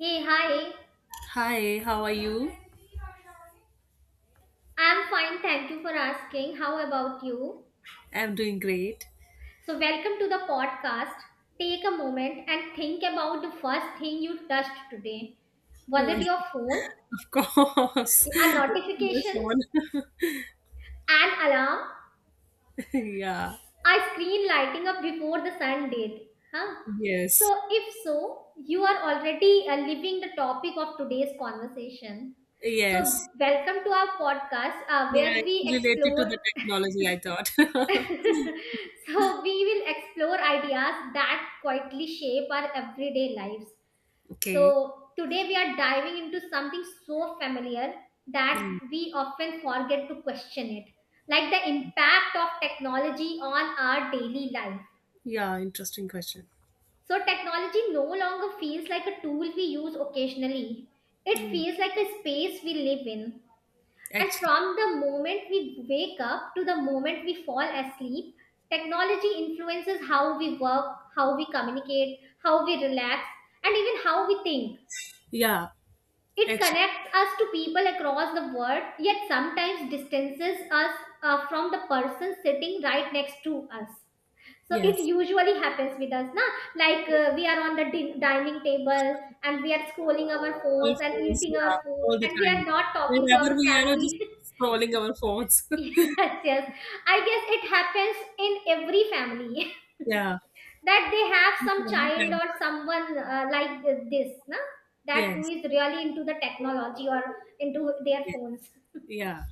Hey, hi. Hi, how are you? I'm fine. Thank you for asking. How about you? I'm doing great. So, welcome to the podcast. Take a moment and think about the first thing you touched today. Was it your Of phone, course. a My notification, phone. an alarm, Yeah. a screen lighting up before the sun did? Huh? Yes. So, if so, you are already living the topic of today's conversation. So, Yes. welcome to our podcast where Yeah, it's we related to explore the technology, I thought. so we will explore ideas that quietly shape our everyday lives. So Okay. today we are diving into something so familiar that Mm. we often forget to question it, like the impact of technology on our daily life. Yeah, interesting question. So technology no longer feels like a tool we use occasionally, it Mm. feels like a space we live in, and Actually, from the moment we wake up to the moment we fall asleep, technology influences how we work, how we communicate, how we relax, and even how we think. yeah, It actually, connects us to people across the world, yet sometimes distances us from the person sitting right next to us. So it yes. usually happens with us, na? Like we are on the dining table and we are scrolling our Our phones and phones, eating yeah, our food, all the and we time. are not talking to Wherever our we are, we're just family. scrolling our phones. Yes, yes. I guess it happens in every family Yeah. that they have some child or someone like this, na? That who Yes. is really into the technology or into their phones. Yeah.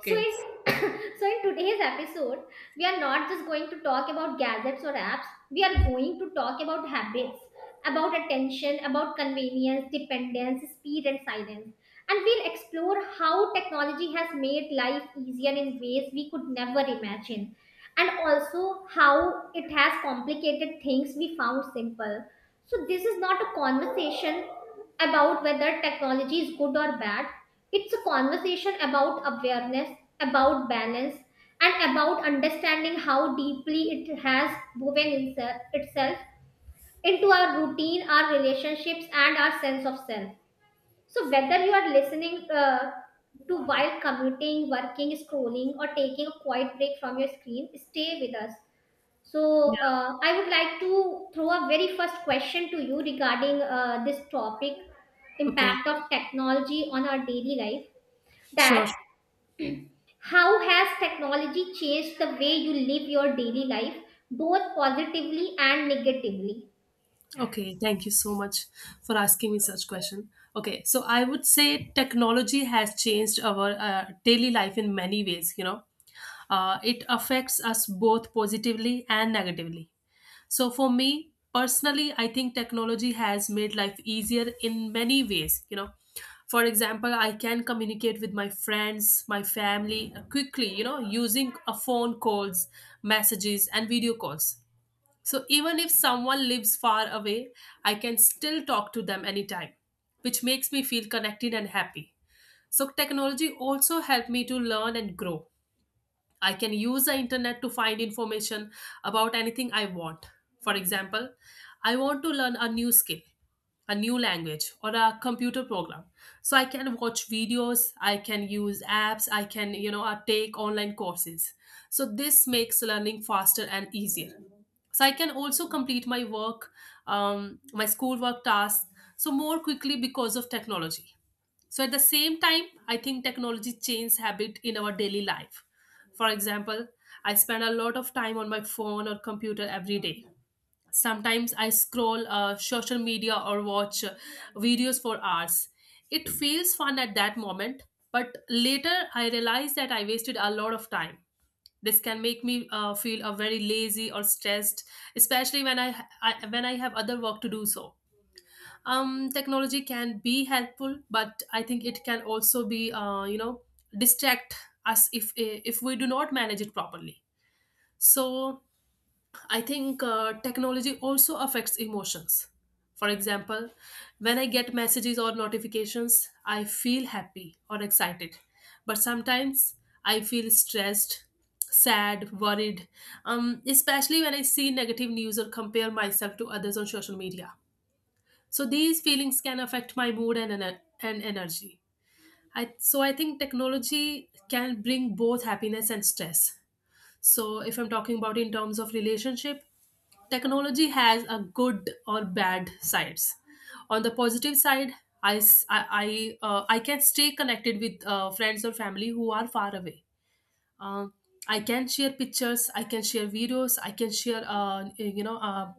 So in so in today's episode, we are not just going to talk about gadgets or apps. We are going to talk about habits, about attention, about convenience, dependence, speed, and silence. And we'll explore how technology has made life easier in ways we could never imagine. And also how it has complicated things we found simple. So, this is not a conversation about whether technology is good or bad. It's a conversation about awareness, about balance, and about understanding how deeply it has woven itself into our routine, our relationships, and our sense of self. So, whether you are listening to while commuting, working, scrolling, or taking a quiet break from your screen, stay with us. So, Yeah. I would like to throw a very first question to you regarding this topic, Okay. impact of technology on our daily life. Sure. That sure. how has technology changed the way you live your daily life, both positively and negatively? Okay, thank you so much for asking me such question. Okay, so I would say technology has changed our daily life in many ways, you know. It affects us both positively and negatively. So for me personally, I think technology has made life easier in many ways, you know. For example, I can communicate with my friends, my family quickly, you know, using a phone calls, messages and video calls so even if someone lives far away, I can still talk to them anytime, which makes me feel connected and happy. So technology also helped me to learn and grow. I can use the internet to find information about anything I want. For example, I want to learn a new skill, a new language, or a computer program. So I can watch videos, I can use apps, I can, you know, take online courses. So this makes learning faster and easier. So I can also complete my work, my schoolwork tasks, so more quickly because of technology. So at the same time, I think technology changes habit in our daily life. For example, I spend a lot of time on my phone or computer every day. Sometimes I scroll social media or watch videos for hours. It feels fun at that moment, but later I realize that I wasted a lot of time. This can make me feel very lazy or stressed, especially when I when I have other work to do. So technology can be helpful, but I think it can also be, you know, distract us if we do not manage it properly. So I think technology also affects emotions. For example, when I get messages or notifications, I feel happy or excited, but sometimes I feel stressed, sad, worried, especially when I see negative news or compare myself to others on social media. So these feelings can affect my mood and energy. I so I think technology can bring both happiness and stress. So if I'm talking about in terms of relationship, technology has a good or bad sides. On the positive side, I s- I can stay connected with friends or family who are far away. um, I can share pictures, I can share videos, I can share, you know,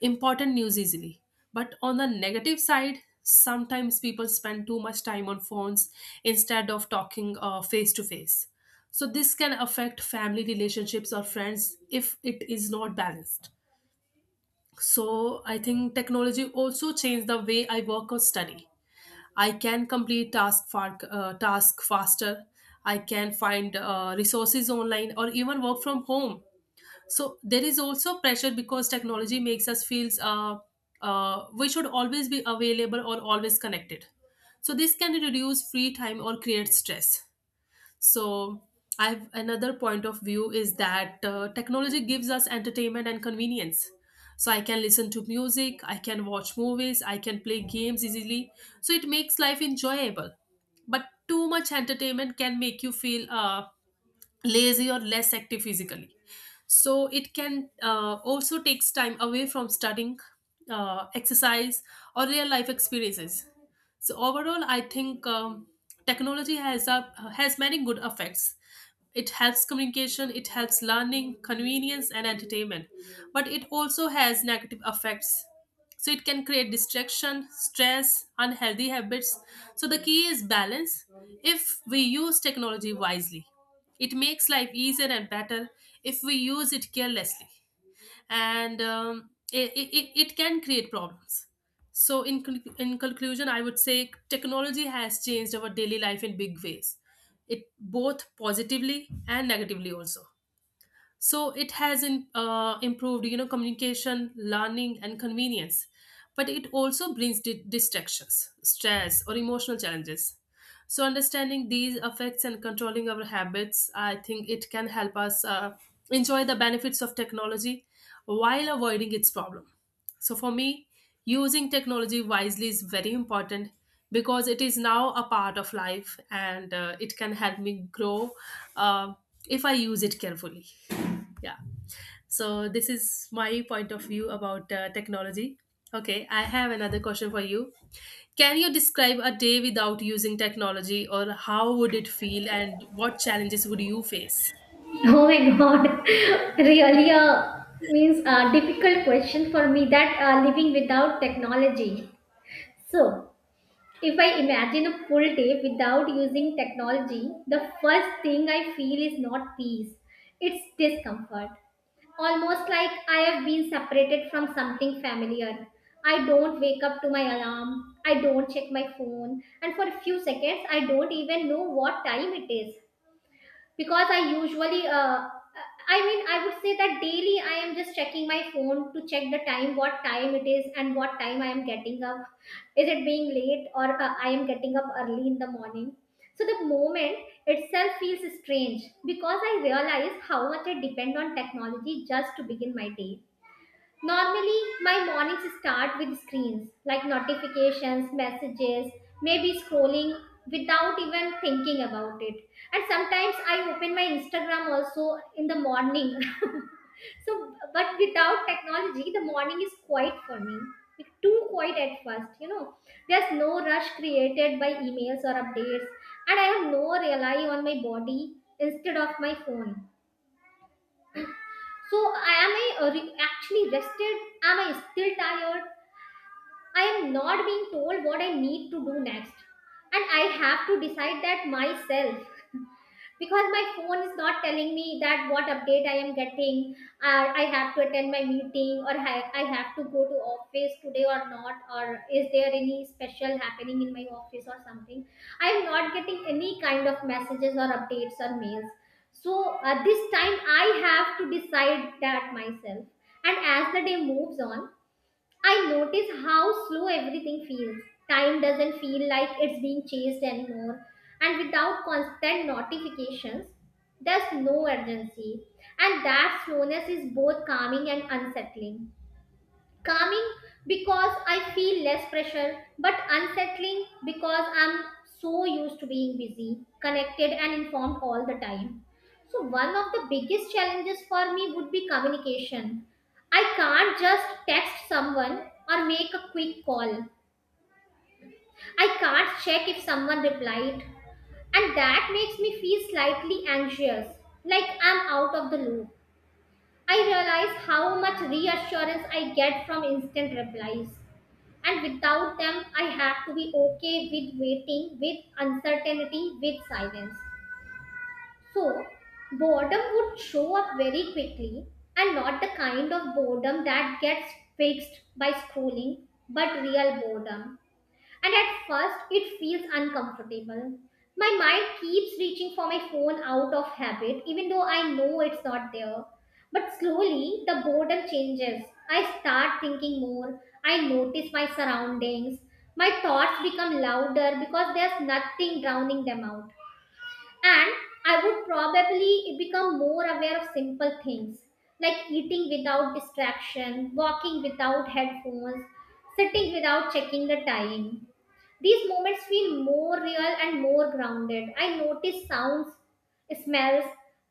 important news easily. But on the negative side, sometimes people spend too much time on phones instead of talking face to face. So this can affect family relationships or friends if it is not balanced. So I think technology also changed the way I work or study. I can complete task faster. I can find resources online or even work from home. So there is also pressure because technology makes us feels, we should always be available or always connected. So this can reduce free time or create stress. So I've another point of view is that technology gives us entertainment and convenience. So I can listen to music, I can watch movies, I can play games easily. So it makes life enjoyable. But too much entertainment can make you feel lazy or less active physically. So it can also takes time away from studying, exercise, or real life experiences. So overall I think, technology has a has many good effects. It helps communication, it helps learning, convenience and entertainment. But it also has negative effects. So it can create distraction, stress, unhealthy habits. So the key is balance. If we use technology wisely, it makes life easier and better. If we use it carelessly, and it can create problems. So, in, in conclusion, I would say technology has changed our daily life in big ways, it both positively and negatively also. So it has improved, you know, communication, learning and convenience, but it also brings distractions, stress or emotional challenges. So understanding these effects and controlling our habits, I think it can help us enjoy the benefits of technology while avoiding its problem. So for me, using technology wisely is very important because it is now a part of life and it can help me grow, uh, if I use it carefully. Yeah, so this is my point of view about technology. Okay, I have another question for you. Can you describe a day without using technology, or how would it feel and what challenges would you face? Oh my god, really a means a difficult question for me, that living without technology. So, if I imagine a full day without using technology, the first thing I feel is not peace, it's discomfort. Almost like I have been separated from something familiar. I don't wake up to my alarm, I don't check my phone, and for a few seconds, I don't even know what time it is, because I usually I mean, I would say that daily I am just checking my phone to check the time, what time it is and what time I am getting up, is it being late or I am getting up early in the morning. So the moment itself feels strange, because I realize how much I depend on technology just to begin my day. Normally, my mornings start with screens like notifications, messages, maybe scrolling without even thinking about it. And sometimes I open my Instagram also in the morning. So, but without technology, the morning is quiet for me. Too quiet at first, you know. There's no rush created by emails or updates, and I have no rely on my body instead of my phone. So, am I actually rested? Am I still tired? I am not being told what I need to do next. And I have to decide that myself, because my phone is not telling me that what update I am getting, I have to attend my meeting, or I have to go to office today or not, or is there any special happening in my office or something. I am not getting any kind of messages or updates or mails. So this time I have to decide that myself. And as the day moves on, I notice how slow everything feels. Time doesn't feel like it's being chased anymore. And without constant notifications, there's no urgency. And that slowness is both calming and unsettling, calming because I feel less pressure, but unsettling because I'm so used to being busy, connected, and informed all the time. So, one of the biggest challenges for me would be communication. I can't just text someone or make a quick call. I can't check if someone replied, and that makes me feel slightly anxious, like I'm out of the loop. I realize how much reassurance I get from instant replies, and without them, I had to be okay with waiting, with uncertainty, with silence. So, boredom would show up very quickly, and not the kind of boredom that gets fixed by scrolling, but real boredom, and at first, it feels uncomfortable. My mind keeps reaching for my phone out of habit, even though I know it's not there. But slowly, the boredom changes. I start thinking more. I notice my surroundings. My thoughts become louder because there's nothing drowning them out. And I would probably become more aware of simple things, like eating without distraction, walking without headphones, sitting without checking the time. These moments feel more real and more grounded. I notice sounds, smells,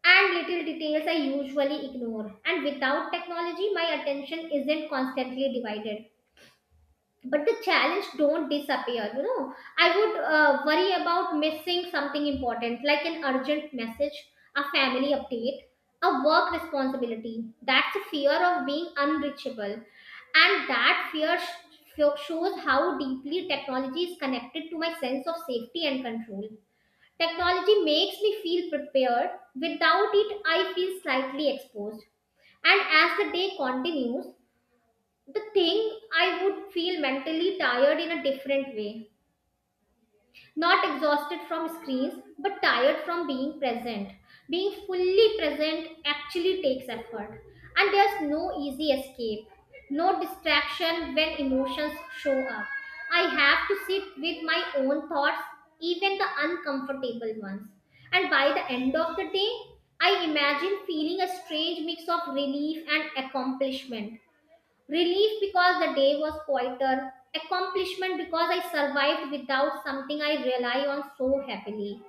and little details I usually ignore. And without technology, my attention isn't constantly divided. But the challenge don't disappear, you know. I would worry about missing something important, like an urgent message, a family update, a work responsibility. That's the fear of being unreachable, and that fear shows how deeply technology is connected to my sense of safety and control. Technology makes me feel prepared, without it I feel slightly exposed. And as the day continues, the thing I would feel mentally tired in a different way. Not exhausted from screens, but tired from being present. Being fully present actually takes effort. And there's no easy escape, no distraction when emotions show up. I have to sit with my own thoughts, even the uncomfortable ones. And by the end of the day, I imagine feeling a strange mix of relief and accomplishment. Relief because the day was quieter. Accomplishment because I survived without something I rely on so heavily.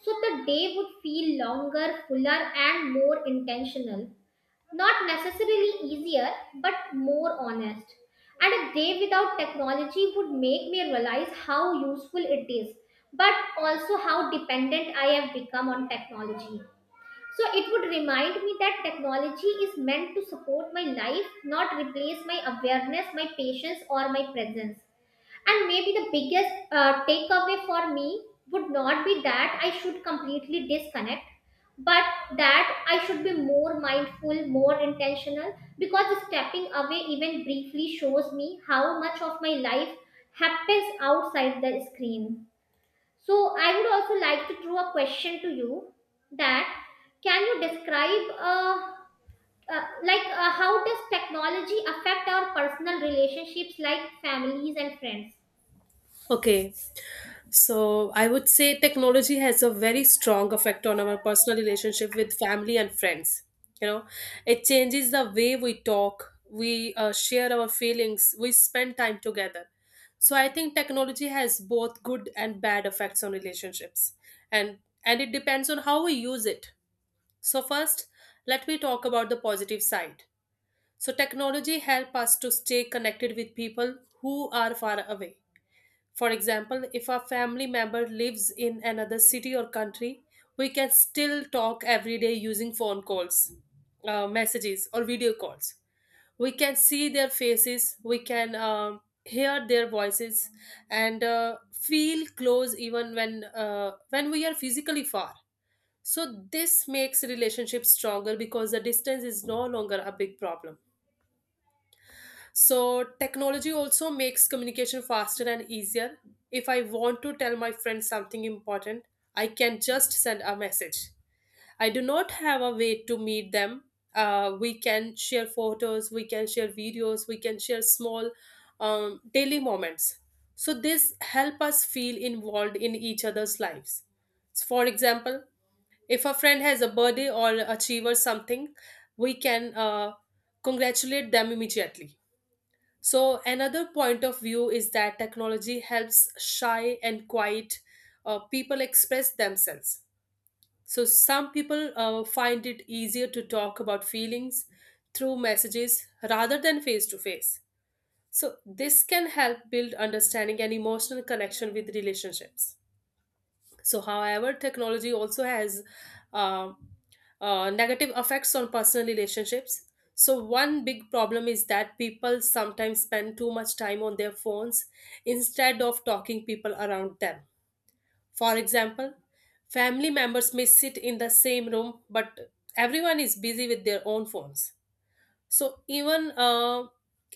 So the day would feel longer, fuller, and more intentional. Not necessarily easier, but more honest. And a day without technology would make me realize how useful it is, but also how dependent I have become on technology. So it would remind me that technology is meant to support my life, not replace my awareness, my patience, or my presence. And maybe the biggest takeaway for me would not be that I should completely disconnect, but that I should be more mindful, more intentional, because stepping away even briefly shows me how much of my life happens outside the screen. So I would also like to throw a question to you, that can you describe like how does technology affect our personal relationships like families and friends? Okay, so I would say technology has a very strong effect on our personal relationship with family and friends. You know, it changes the way we talk, we share our feelings, we spend time together. So I think technology has both good and bad effects on relationships, and it depends on how we use it. So first, let me talk about the positive side. So technology help us to stay connected with people who are far away. For example, if a family member lives in another city or country, we can still talk every day using phone calls, messages, or video calls. We can see their faces, we can hear their voices, and feel close even when we are physically far. So this makes relationships stronger because the distance is no longer a big problem. So, technology also makes communication faster and easier. If I want to tell my friend something important, I can just send a message. I do not have a way to meet them. We can share photos, we can share videos, we can share small daily moments. So, this help us feel involved in each other's lives. So for example, if a friend has a birthday or achieve or something, we can congratulate them immediately. So, another point of view is that technology helps shy and quiet people express themselves. So, some people find it easier to talk about feelings through messages rather than face to face. So, this can help build understanding and emotional connection with relationships. So, however, technology also has uh, negative effects on personal relationships. So, one big problem is that people sometimes spend too much time on their phones instead of talking people around them. For example, family members may sit in the same room, but everyone is busy with their own phones. So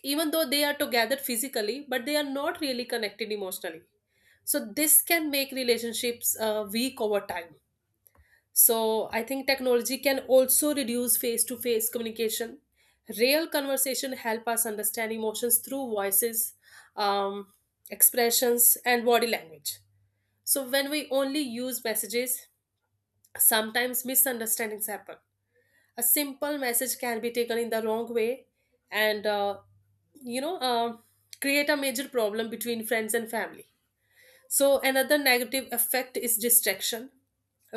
even though they are together physically, but they are not really connected emotionally. So this can make relationships weak over time. So I think technology can also reduce face to face communication. Real conversation help us understand emotions through voices, um, expressions and body language. So when we only use messages, sometimes misunderstandings happen. A simple message can be taken in the wrong way and, you know, create a major problem between friends and family. So another negative effect is distraction.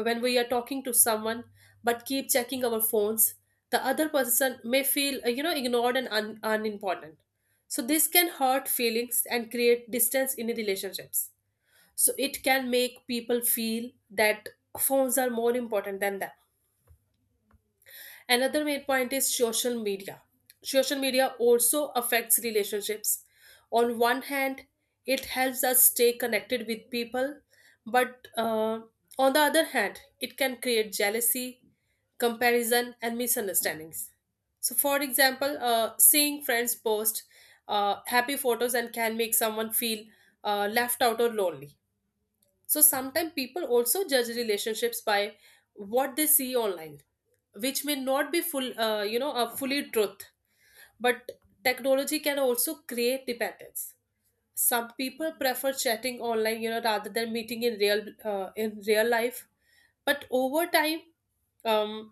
When we are talking to someone but keep checking our phones, the other person may feel, you know, ignored and unimportant. So this can hurt feelings and create distance in relationships. So it can make people feel that phones are more important than them. Another main point is social media. Social media also affects relationships. On one hand, it helps us stay connected with people, but on the other hand, it can create jealousy, comparison, and misunderstandings. So, for example, seeing friends post happy photos and can make someone feel left out or lonely. So sometimes people also judge relationships by what they see online, which may not be you know, a fully truth. But technology can also create dependence. Some people prefer chatting online, you know, rather than meeting in real life. But over time, um,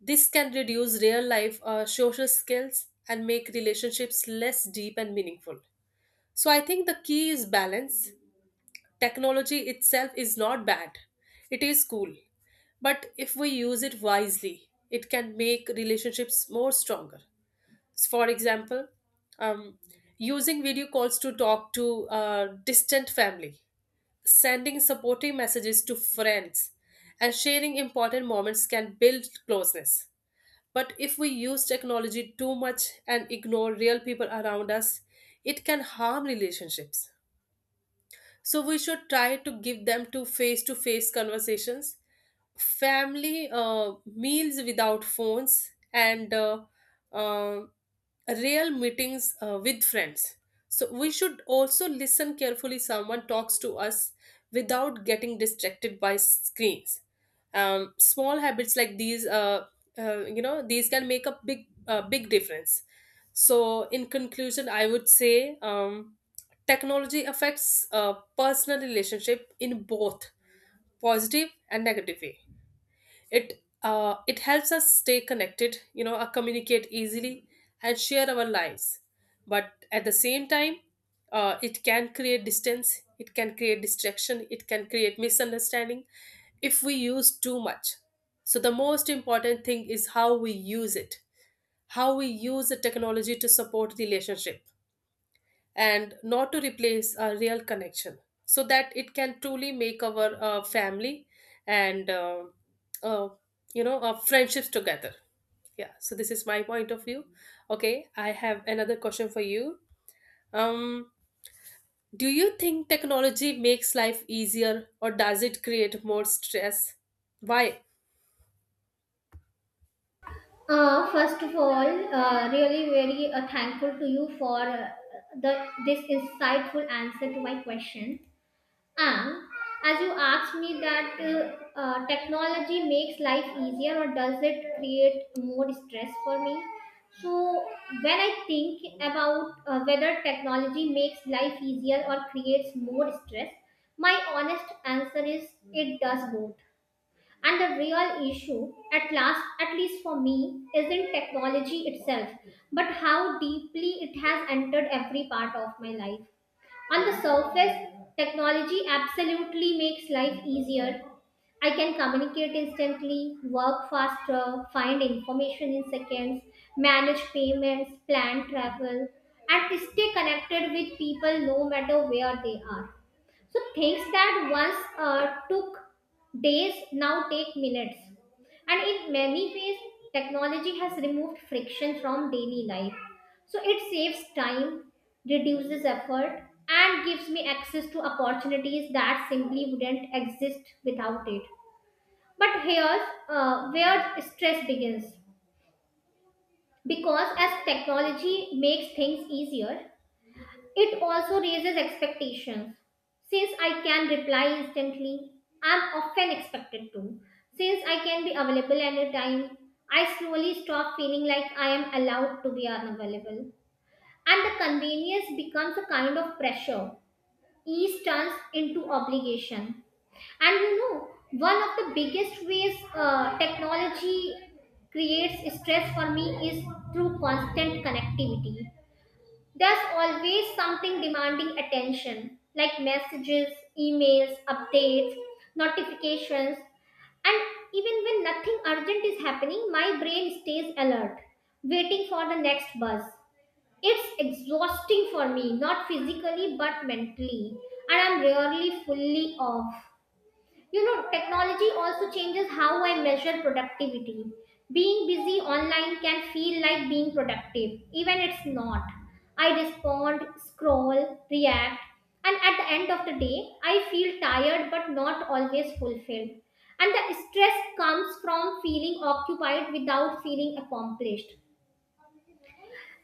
this can reduce real life social skills and make relationships less deep and meaningful. So I think the key is balance. Technology itself is not bad, it is cool. But if we use it wisely, it can make relationships more stronger. For example, um, using video calls to talk to distant family, sending supporting messages to friends, and sharing important moments can build closeness. But if we use technology too much and ignore real people around us, it can harm relationships, so we should try to give them to face conversations, family meals without phones, and uh, real meetings with friends. So we should also listen carefully someone talks to us without getting distracted by screens. Small habits like these you know these can make a big difference. So in conclusion, I would say technology affects personal relationship in both positive and negative way. It helps us stay connected, you know, communicate easily, and share our lives. But at the same time, it can create distance, it can create distraction, it can create misunderstanding if we use too much. So the most important thing is how we use it, how we use the technology to support relationship and not to replace a real connection, so that it can truly make our family and uh, our friendships together. Yeah, so this is my point of view. Okay, I have another question for you. um do you think technology makes life easier, or does it create more stress? Why? First of all, really very thankful to you for the this insightful answer to my question. And as you asked me that technology makes life easier or does it create more stress for me? So when I think about whether technology makes life easier or creates more stress, my honest answer is it does both. And the real issue, at last, at least for me, isn't technology itself, but how deeply it has entered every part of my life. On the surface, technology absolutely makes life easier. I can communicate instantly, work faster, find information in seconds, manage payments, plan travel, and stay connected with people no matter where they are. So things that once took days now take minutes. And in many ways, technology has removed friction from daily life. So it saves time, reduces effort, and gives me access to opportunities that simply wouldn't exist without it. But here's where stress begins. Because as technology makes things easier, it also raises expectations. Since I can reply instantly, I'm often expected to. Since I can be available anytime, I slowly stop feeling like I am allowed to be unavailable. And the convenience becomes a kind of pressure. Ease turns into obligation. And you know, one of the biggest ways technology creates stress for me is through constant connectivity. There's always something demanding attention, like messages, emails, updates, notifications, and even when nothing urgent is happening, my brain stays alert, waiting for the next buzz. It's exhausting for me, not physically but mentally, and I'm rarely fully off. You know, technology also changes how I measure productivity. Being busy online can feel like being productive, even it's not. I respond, scroll, react, and at the end of the day, I feel tired but not always fulfilled. And the stress comes from feeling occupied without feeling accomplished.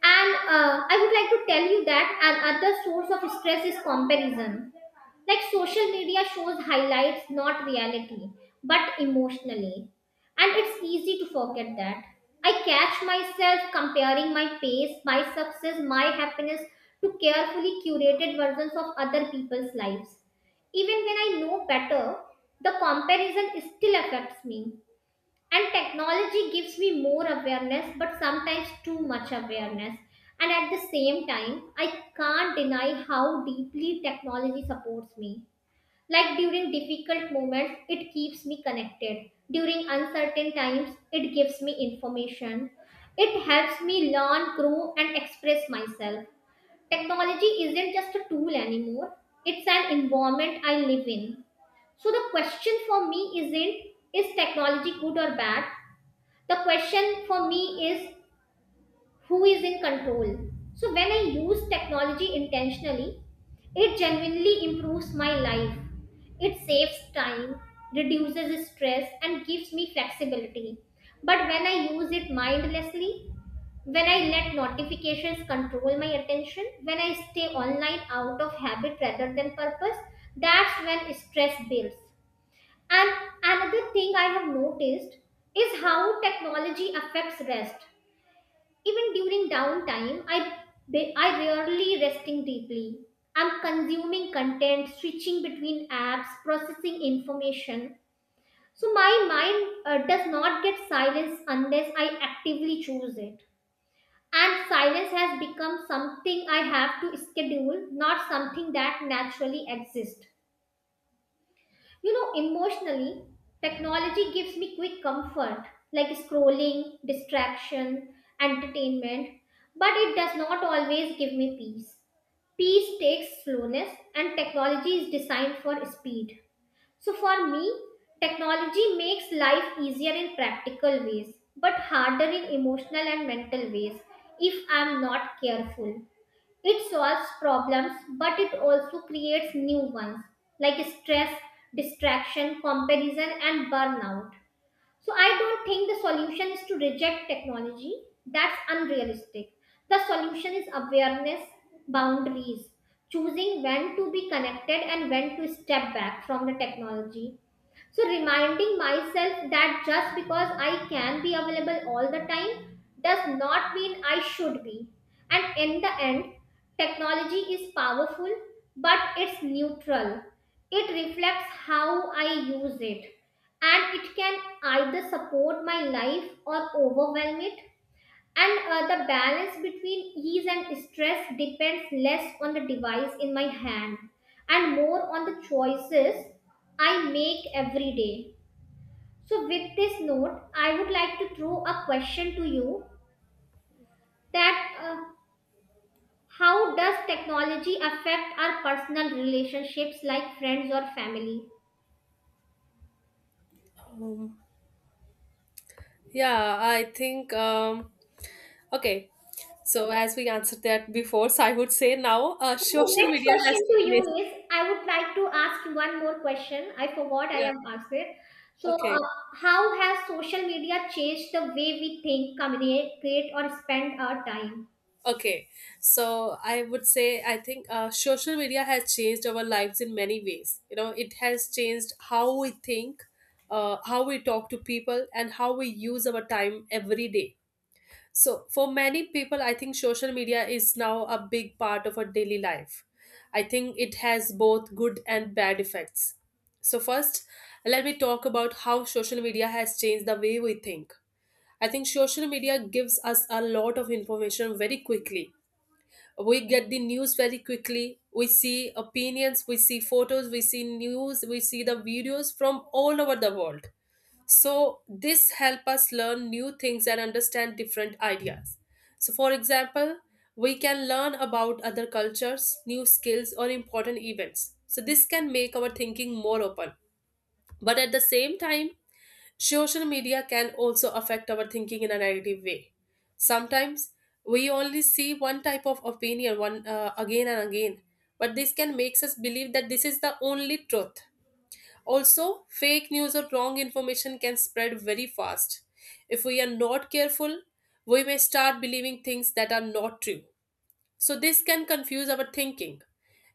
And I would like to tell you that another source of stress is comparison. Like, social media shows highlights, not reality, but emotionally. And it's easy to forget that. I catch myself comparing my pace, my success, my happiness to carefully curated versions of other people's lives. Even when I know better, the comparison still affects me, and technology gives me more awareness, but sometimes too much awareness. And at the same time, I can't deny how deeply technology supports me. Like, during difficult moments, it keeps me connected. During uncertain times, it gives me information. It helps me learn, grow, and express myself. Technology isn't just a tool anymore, it's an environment I live in. So the question for me isn't is technology good or bad. The question for me is who is in control. So when I use technology intentionally, it genuinely improves my life. It saves time, reduces stress, and gives me flexibility. But when I use it mindlessly, when I let notifications control my attention, when I stay online out of habit rather than purpose, that's when stress builds. And another thing I have noticed is how technology affects rest. Even during downtime, I rarely resting deeply. I'm consuming content, switching between apps, processing information. So my mind does not get silence unless I actively choose it. And silence has become something I have to schedule, not something that naturally exists. You know, emotionally, technology gives me quick comfort, like scrolling, distraction, entertainment, but it does not always give me peace. Peace takes slowness, and technology is designed for speed. So, for me, technology makes life easier in practical ways, but harder in emotional and mental ways if I'm not careful. It solves problems, but it also creates new ones like stress, distraction, comparison, and burnout. So, I don't think the solution is to reject technology. That's unrealistic. The solution is awareness, boundaries, choosing when to be connected and when to step back from the technology. So, reminding myself that just because I can be available all the time does not mean I should be. And in the end, technology is powerful, but it's neutral. It reflects how I use it, and it can either support my life or overwhelm it. And The balance between ease and stress depends less on the device in my hand and more on the choices I make every day. So, with this note, I would like to throw a question to you that how does technology affect our personal relationships like friends or family? um, yeah, I think okay, so as we answered that before, so I would say now The social next media has. question to you is I would like to ask you one more question. I forgot I Yeah. am asked it. So, Okay. How has social media changed the way we think, communicate, create, or spend our time? Okay. So I would say I think social media has changed our lives in many ways. You know, it has changed how we think, how we talk to people, and how we use our time every day. So for many people, I think social media is now a big part of our daily life. I think it has both good and bad effects. So first, let me talk about how social media has changed the way we think. I think social media gives us a lot of information very quickly. We get the news very quickly. We see opinions, we see photos, we see news, we see the videos from all over the world. So this help us learn new things and understand different ideas. So for example, we can learn about other cultures, new skills or important events. So this can make our thinking more open. But at the same time, social media can also affect our thinking in a negative way. Sometimes we only see one type of opinion, one again and again, but this can makes us believe that this is the only truth. Also, fake news or wrong information can spread very fast. If we are not careful, we may start believing things that are not true. So this can confuse our thinking.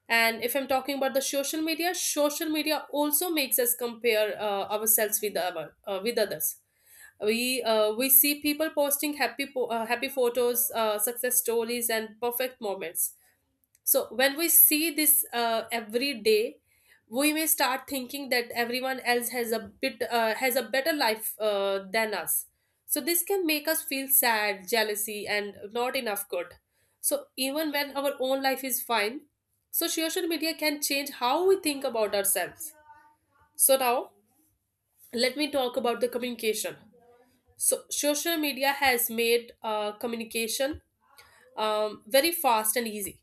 And if I'm talking about the social media also makes us compare ourselves with with others. We see people posting happy photos, success stories, and perfect moments. So when we see this every day, we may start thinking that everyone else has a bit has a better life than us. So this can make us feel sad, jealousy, and not enough good, so even when our own life is fine. So social media can change how we think about ourselves. So now let me talk about the communication. So social media has made communication very fast and easy.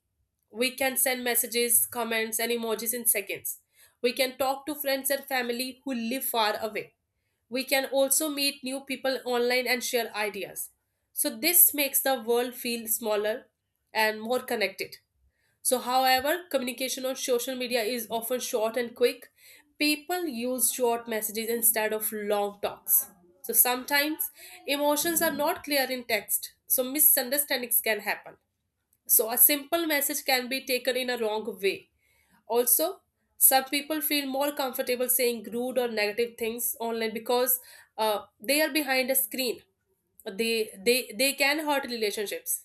We can send messages, comments, and emojis in seconds. We can talk to friends and family who live far away. We can also meet new people online and share ideas. So this makes the world feel smaller and more connected. So however, communication on social media is often short and quick. People use short messages instead of long talks. So sometimes emotions are not clear in text, so misunderstandings can happen. So a simple message can be taken in a wrong way. Also, some people feel more comfortable saying rude or negative things online because they are behind a screen. They can hurt relationships.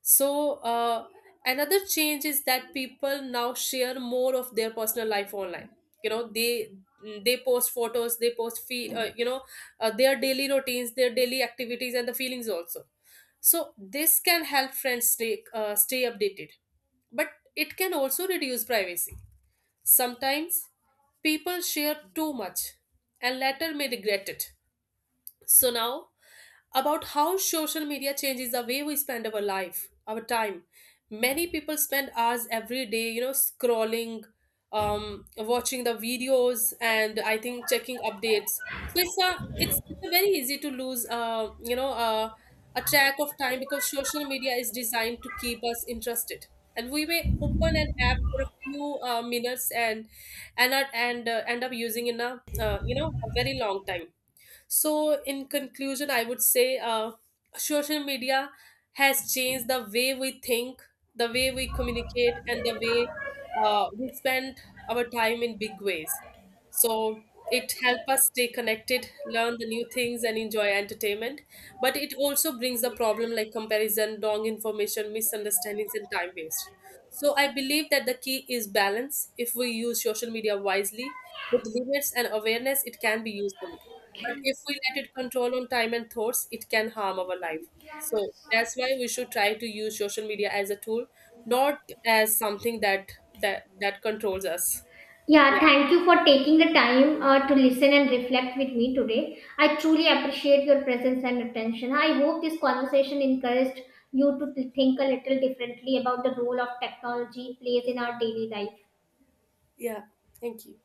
So another change is that people now share more of their personal life online. You know, they post photos they post feel you know their daily routines, their daily activities, and the feelings also. So this can help friends stay updated, but it can also reduce privacy. Sometimes people share too much and later may regret it. So now, about how social media changes the way we spend our life, our time. Many people spend hours every day, you know, scrolling, watching the videos, and I think checking updates. So it's a very easy to lose, a track of time, because social media is designed to keep us interested. And we may open an app for a few minutes and end up using in a, uh, a very long time. So in conclusion, I would say social media has changed the way we think, the way we communicate, and the way we spend our time in big ways. So it helps us stay connected, learn the new things, and enjoy entertainment. But it also brings the problem like comparison, wrong information, misunderstandings, and time waste. So I believe that the key is balance. If we use social media wisely, with limits and awareness, it can be useful. But if we let it control on time and thoughts, it can harm our life. So that's why we should try to use social media as a tool, not as something that controls us. Yeah. Yeah, thank you for taking the time to listen and reflect with me today. I truly appreciate your presence and attention. I hope this conversation encouraged you to think a little differently about the role of technology plays in our daily life. Yeah. Thank you.